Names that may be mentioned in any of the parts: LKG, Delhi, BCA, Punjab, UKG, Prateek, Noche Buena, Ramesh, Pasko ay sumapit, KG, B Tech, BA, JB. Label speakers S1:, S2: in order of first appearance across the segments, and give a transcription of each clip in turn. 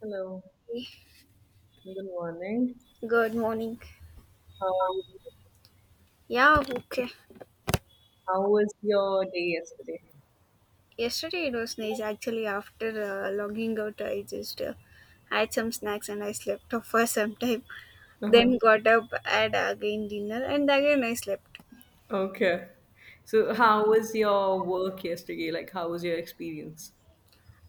S1: Hello, good morning.
S2: Good morning.
S1: How are you?
S2: Yeah, okay.
S1: How was your day yesterday?
S2: Yesterday it was nice actually. After logging out, I just had some snacks and I slept off for some time.
S1: Uh-huh.
S2: Then got up, had again dinner, and again I slept.
S1: Okay. So, how was your work yesterday? Like, how was your experience?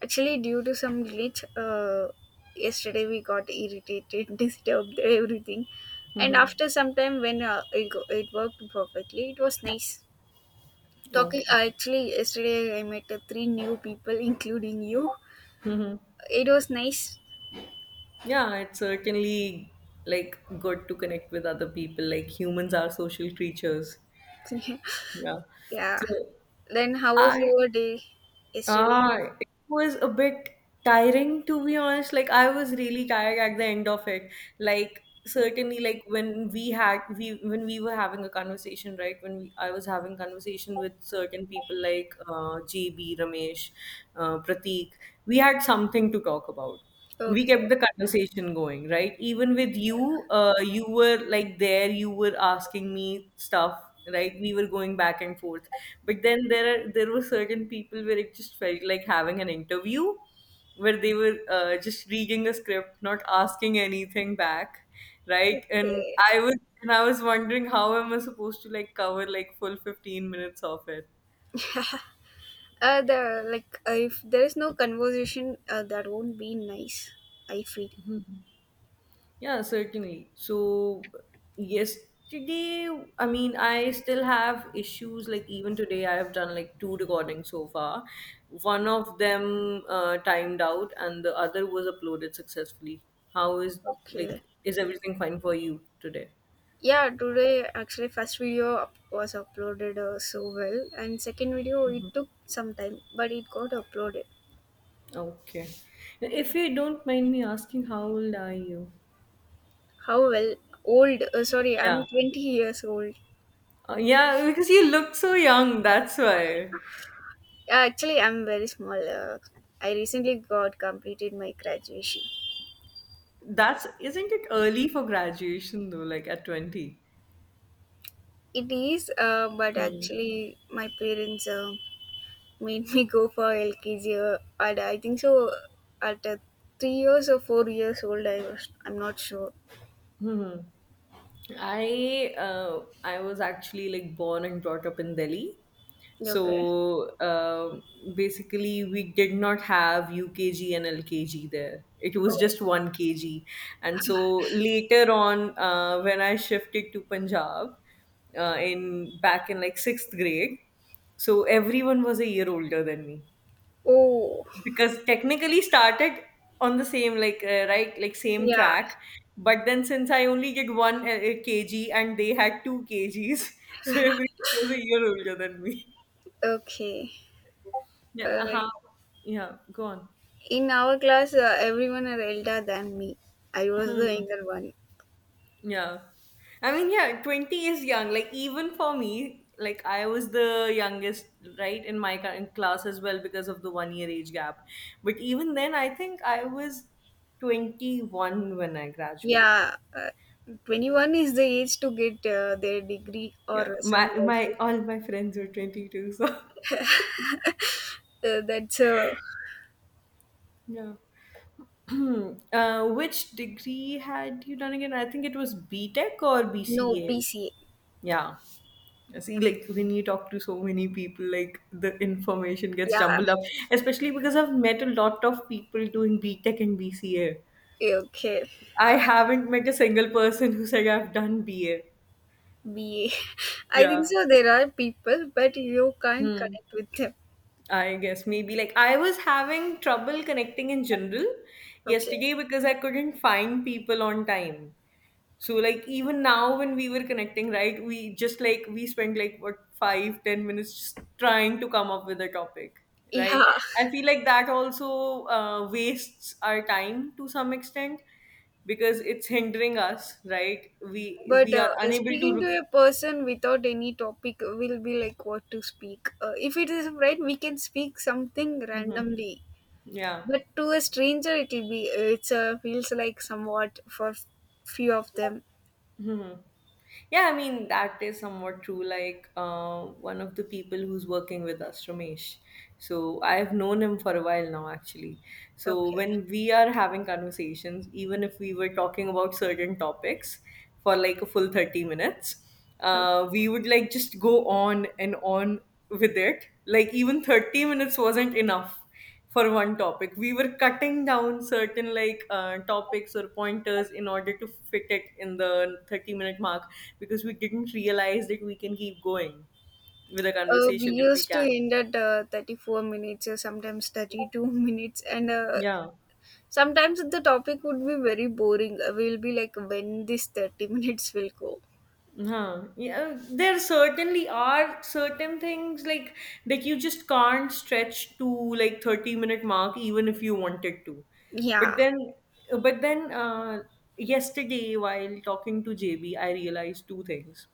S2: Actually, due to some glitch, yesterday we got irritated, disturbed, everything. And
S1: Mm-hmm.
S2: after some time, when it worked perfectly, it was nice. Talking
S1: Okay.
S2: actually, yesterday I met three new people, including you.
S1: Mm-hmm.
S2: It was nice.
S1: Yeah, it's certainly like good to connect with other people. Like, humans are social creatures. Yeah.
S2: Yeah.
S1: So,
S2: Then how was
S1: I...
S2: your day yesterday?
S1: Ah, it was a bit tiring to be honest. Like I was really tired at the end of it. Like certainly, like when we when we were having a conversation, right? When we, I was having conversation with certain people like JB, Ramesh, Prateek, we had something to talk about. We
S2: Okay.
S1: kept the conversation going, right? Even with you, you were like there, you were asking me stuff, right? We were going back and forth. But then there were certain people where it just felt like having an interview, where they were just reading a script, not asking anything back, right? And
S2: Okay.
S1: I was wondering how am I supposed to like cover like full 15 minutes of it.
S2: The if there is no conversation, that won't be nice, I feel.
S1: Yeah, certainly. So, yesterday, I mean, I still have issues. Like, even today, I have done like two recordings so far. One of them timed out, and the other was uploaded successfully. How is,
S2: Okay.
S1: like, is everything fine for you today?
S2: Yeah, today actually was uploaded so well, and second video it
S1: Hmm.
S2: took some time, but it got uploaded.
S1: Okay. If you don't mind me asking, how old are you?
S2: How well? Old? Sorry, I'm
S1: Yeah.
S2: 20 years old.
S1: Yeah, because you look so young, that's why.
S2: Yeah, actually, I'm very small. I recently got completed my graduation.
S1: That's, isn't it early for graduation though, like at 20?
S2: It is, but
S1: Hmm.
S2: actually, my parents made me go for LKG. And I think so. At 3 years or 4 years old, I was. I'm not sure.
S1: Hmm. I was actually like born and brought up in Delhi. So
S2: Okay.
S1: basically, we did not have UKG and LKG there. It was
S2: Oh,
S1: just one KG. And so later on, when I shifted to Punjab in back in like sixth grade, so everyone was a year older than me.
S2: oh,
S1: Because technically started on the same like right, like same
S2: yeah.
S1: track, but then since I only did one KG and they had two KGs, so everyone was a year older than me.
S2: Okay.
S1: Yeah,
S2: Uh,
S1: uh-huh. Yeah, go on.
S2: in our class, everyone are elder than me. I was the
S1: Hmm.
S2: younger one.
S1: Yeah, I mean, yeah, 20 is young. Like, even for me, like, I was the youngest, right? In my ca- in class as well, because of the 1 year age gap. But even then I think I was 21 when I graduated.
S2: Yeah. 21 is the age to get their degree
S1: Yeah,
S2: or some
S1: my
S2: graduation.
S1: all my friends were 22, so
S2: That's
S1: yeah. Which degree had you done again? I think it was B Tech or
S2: No,
S1: BCA.
S2: BCA.
S1: Yeah. See, like when you talk to so many people, like the information gets
S2: Yeah,
S1: jumbled up, especially because I've met a lot of people doing B Tech and BCA.
S2: okay.
S1: I haven't met a single person who's like, I've done BA.
S2: Me, I think
S1: Yeah.
S2: so. There are people, but you can't
S1: Hmm.
S2: connect with them.
S1: I guess maybe like I was having trouble connecting in general
S2: Okay.
S1: yesterday because I couldn't find people on time. So like even now when we were connecting, right, we just like we spent like what, five, 10 minutes just trying to come up with a topic.
S2: Yeah,
S1: Right. I feel like that also wastes our time to some extent because it's hindering us, right? We
S2: but
S1: we are unable to.
S2: speaking to
S1: Rec-
S2: a person without any topic will be like what to speak. If it is right, we can speak something
S1: Mhm.
S2: randomly,
S1: Yeah.
S2: but to a stranger, it will be it's feels like somewhat for few of them.
S1: Mhm. Yeah, I mean, that is somewhat true. Like, one of the people who's working with us, Ramesh. So, I've known him for a while now, actually. So,
S2: Okay.
S1: when we are having conversations, even if we were talking about certain topics for like a full 30 minutes,
S2: Okay.
S1: we would like just go on and on with it. Like, even 30 minutes wasn't enough for one topic. We were cutting down certain like topics or pointers in order to fit it in the 30-minute mark, because we didn't realize that we can keep going with a
S2: We
S1: conversation if we
S2: used to
S1: can.
S2: end at 34 minutes or sometimes 32 minutes and
S1: Yeah.
S2: sometimes the topic would be very boring. We'll be like, when this 30 minutes will go.
S1: Huh. Yeah. There certainly are certain things like that you just can't stretch to like 30-minute mark even if you wanted to. But
S2: Yeah.
S1: then but then yesterday while talking to JB I realized two things.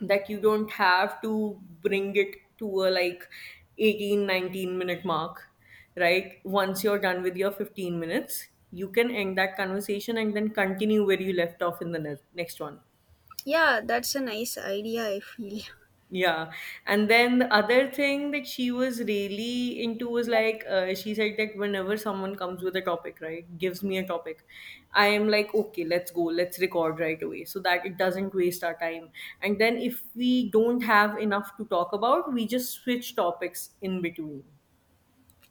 S1: That you don't have to bring it to a like 18, 19 minute mark, right? Once you're done with your 15 minutes you can end that conversation and then continue where you left off in the ne- next one.
S2: Yeah, that's a nice idea, I feel.
S1: Yeah. And then the other thing that she was really into was like, she said that whenever someone comes with a topic, right, gives me a topic, I am like, okay, let's go, let's record right away so that it doesn't waste our time. And then if we don't have enough to talk about, we just switch topics in between.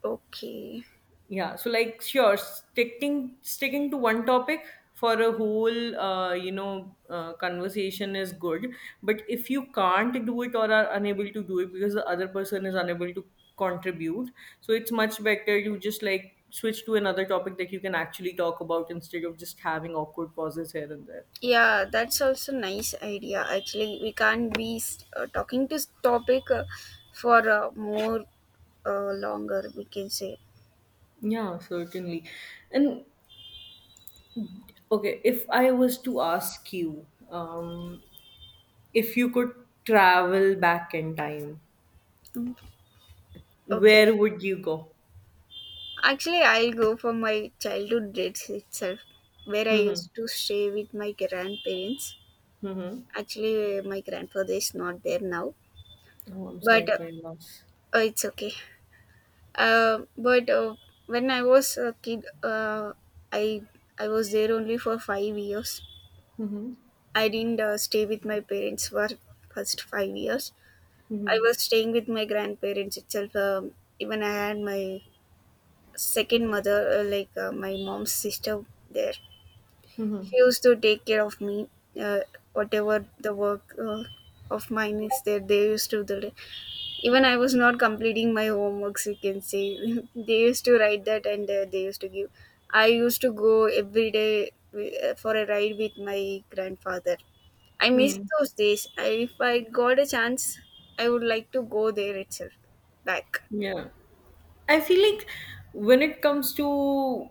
S2: Okay.
S1: Yeah, so like sure, sticking to one topic for a whole conversation is good, but if you can't do it or are unable to do it because the other person is unable to contribute, so it's much better you just like switch to another topic that you can actually talk about instead of just having awkward pauses here and there.
S2: Yeah, that's also nice idea. Actually, we can't be talking this topic for more longer, we can say.
S1: Yeah, certainly. And okay, if I was to ask you, if you could travel back in time,
S2: Mm. Okay.
S1: where would you go?
S2: Actually, I'll go for my childhood dates itself, where I
S1: Mhm.
S2: used to stay with my grandparents.
S1: Mhm.
S2: Actually, my grandfather is not there now,
S1: Oh, I'm sorry
S2: but uh,
S1: for your loss.
S2: uh, it's okay. But When I was a kid, I I was there only for 5 years.
S1: Mhm.
S2: I didn't stay with my parents for first 5 years. I
S1: Mhm.
S2: was staying with my grandparents itself. Even I had my second mother, my mom's sister, there.
S1: Mhm.
S2: She used to take care of me. Uh, Whatever the work of mine is there, they used to do it. Even I was not completing my homeworks, you can say. They used to write that, and they used to give. I used to go every day for a ride with my grandfather. I miss
S1: Mhm.
S2: those days. If I got a chance, I would like to go there itself back.
S1: Yeah. I feel like when it comes to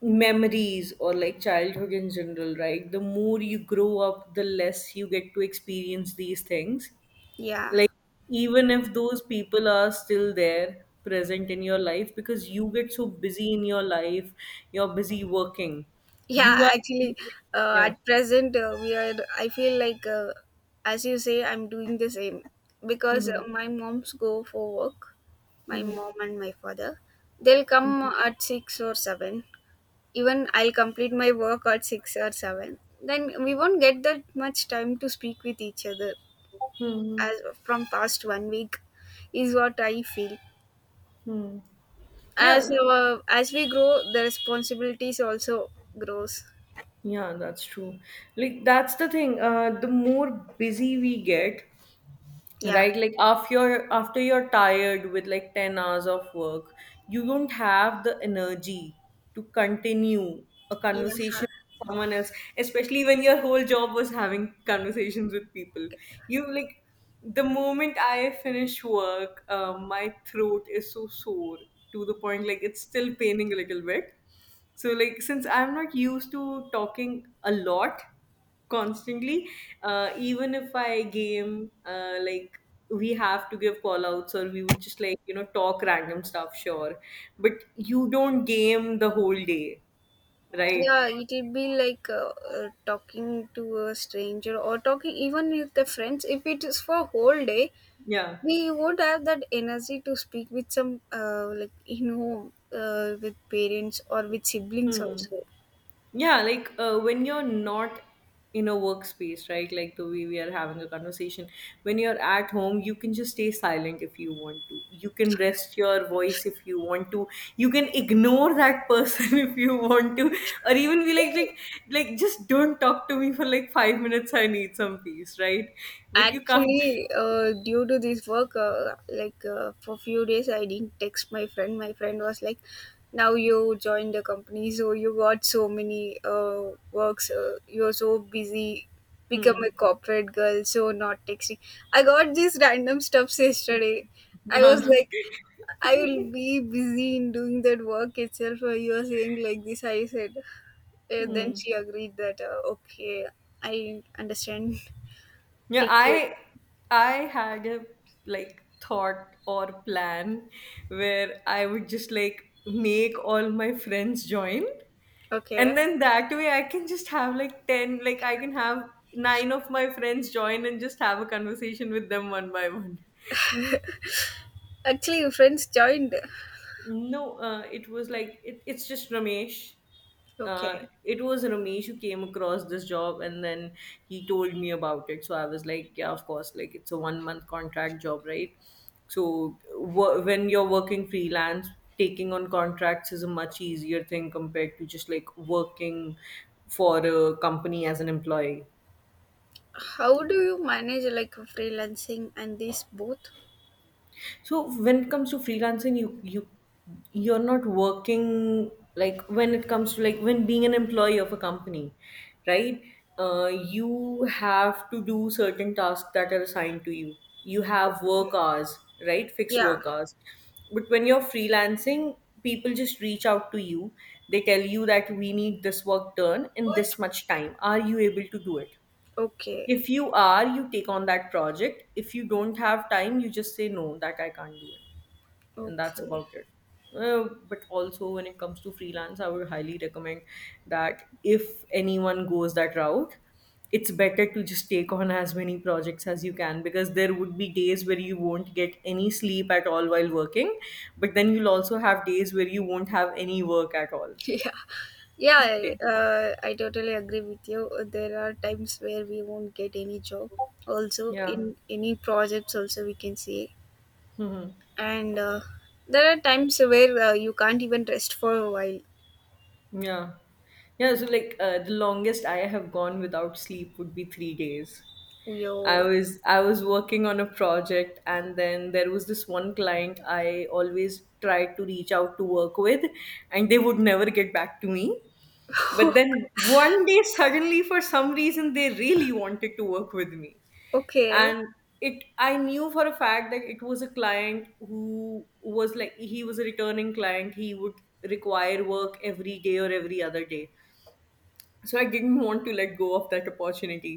S1: memories or like childhood in general, right? The more you grow up, the less you get to experience these things.
S2: Yeah.
S1: Like, even if those people are still there, present in your life, because you get so busy in your life, you're busy working.
S2: Yeah,
S1: You are,
S2: actually,
S1: yeah.
S2: at present, we are. I feel like, as you say, I'm doing the same because
S1: Mhm.
S2: my moms go for work. My
S1: Mhm.
S2: mom and my father, they'll come at six or seven. Even I'll complete my work at six or seven. Then we won't get that much time to speak with each other,
S1: Mhm.
S2: as from past 1 week, is what I feel.
S1: Mhm. Yeah.
S2: As we grow, the responsibilities also grows.
S1: Yeah, that's true. Like that's the thing. The more busy we get,
S2: Yeah,
S1: right? Like after you're tired with like 10 hours of work, you don't have the energy to continue a
S2: yeah.
S1: conversation someone else, especially when your whole job was having conversations with people you like. The moment I finish work, my throat is so sore, to the point like it's still paining a little bit. So like since I'm not used to talking a lot constantly, even if I game, like, we have to give call outs or we would just like, you know, talk random stuff, sure, but you don't game the whole day, right?
S2: Yeah, it will be like talking to a stranger or talking even with the friends. If it is for whole day,
S1: Yeah.
S2: we would have that energy to speak with some, with parents or with siblings
S1: Hmm.
S2: also.
S1: Yeah, like when you're not in a workspace, right? Like the way we are having a conversation, when you're at home, you can just stay silent if you want to. You can rest your voice if you want to. You can ignore that person if you want to, or even be
S2: Hey.
S1: like, just don't talk to me for like 5 minutes. I need some peace, right? But you can't.
S2: Actually, due to this work, for few days, I didn't text my friend. My friend was like, "Now you joined the company, so you got so many works. You're so busy. Become
S1: Hmm.
S2: a corporate girl, so not texting." I got these random stuffs yesterday. I was
S1: Yeah.
S2: like, "I will be busy in doing that work itself. You are saying like this," I said. Then
S1: Hmm.
S2: she agreed that okay, I understand.
S1: Yeah,
S2: Take you.
S1: I had a like thought or plan where I would just like make all my friends join, and
S2: Okay.
S1: then that way I can just have like 10, like I can have 9 of my friends join and just have a conversation with them one by one.
S2: Actually, your friends joined.
S1: No, it was like it, it's just Ramesh.
S2: Okay.
S1: It was Ramesh who came across this job, and then he told me about it. So I was like, yeah, of course, like it's a 1 month contract job, right? So w- when you're working freelance, taking on contracts is a much easier thing compared to just like working for a company as an employee.
S2: How do you manage like freelancing and this both?
S1: So when it comes to freelancing, you you're not working like when it comes to like when being an employee of a company, right? You have to do certain tasks that are assigned to you. You have work hours, right? Fixed
S2: Yeah.
S1: work hours. But when you're freelancing, people just reach out to you. They tell you that we need this work done in this much time. Are you able to do it?
S2: Okay.
S1: If you are, you take on that project. If you don't have time, you just say no, that I can't do it, and that's
S2: Okay.
S1: about it. But also, when it comes to freelance, I would highly recommend that if anyone goes that route, it's better to just take on as many projects as you can, because there would be days where you won't get any sleep at all while working, but then you'll also have days where you won't have any work at all.
S2: Yeah. Yeah, I,
S1: Okay.
S2: uh, I totally agree with you. There are times where we won't get any job. Also,
S1: Yeah.
S2: in any projects, also we can see.
S1: Hmm.
S2: And There are times where you can't even rest for a while.
S1: Yeah. Yeah. So, like, the longest I have gone without sleep would be 3 days. I
S2: Yo.
S1: was I was working on a project and then there was this one client I always tried to reach out to work with, and they would never get back to me. But then one day suddenly for some reason they really wanted to work with me.
S2: Okay.
S1: And it, I knew for a fact that it was a client who was like, he was a returning client. He would require work every day or every other day, so I didn't want to let go of that opportunity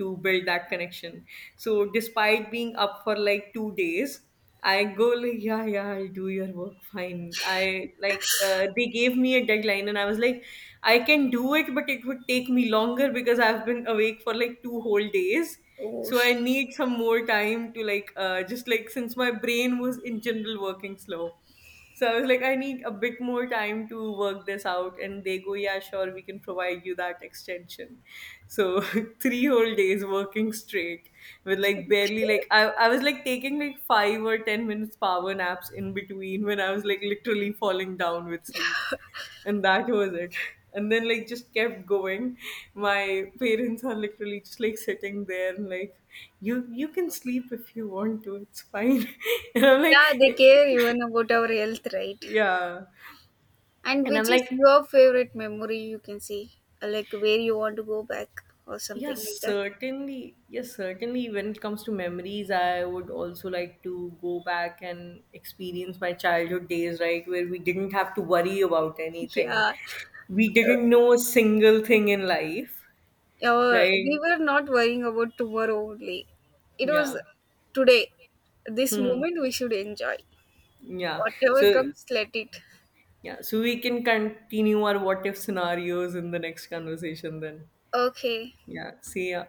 S1: to build that connection. So despite being up for like 2 days, I go like, yeah, yeah, I'll do your work, fine. I like, they gave me a deadline and I was like, I can do it but it would take me longer because I've been awake for like 2 whole days,
S2: Oh,
S1: so I
S2: sh-.
S1: need some more time to like, just like, since my brain was in general working slow, so I was like, I need a bit more time to work this out. And they go, yeah, sure, we can provide you that extension. So three whole days working straight with like barely
S2: Okay.
S1: like I was like taking like 5 or 10 minutes power naps in between when I was like literally falling down with sleep. And that was it. And then like just kept going. My parents are literally just like sitting there and like, you can sleep if you want to, it's fine. And I'm like,
S2: Yeah, they care even about our health, right?
S1: yeah.
S2: And
S1: And
S2: which
S1: I'm like,
S2: is your favorite memory you can see? Like where you want to go back or something
S1: yes,
S2: like that?
S1: certainly. Yes, certainly. When it comes to memories, I would also like to go back and experience my childhood days, right? Where we didn't have to worry about anything.
S2: Yeah.
S1: We didn't know a single thing in life,
S2: We
S1: right?
S2: were not worrying about tomorrow only. It was
S1: Yeah.
S2: today. This
S1: Hmm.
S2: moment we should enjoy.
S1: Yeah.
S2: Whatever
S1: So,
S2: comes, let it.
S1: yeah. So we can continue our what if scenarios in the next conversation then.
S2: Okay.
S1: Yeah. See ya.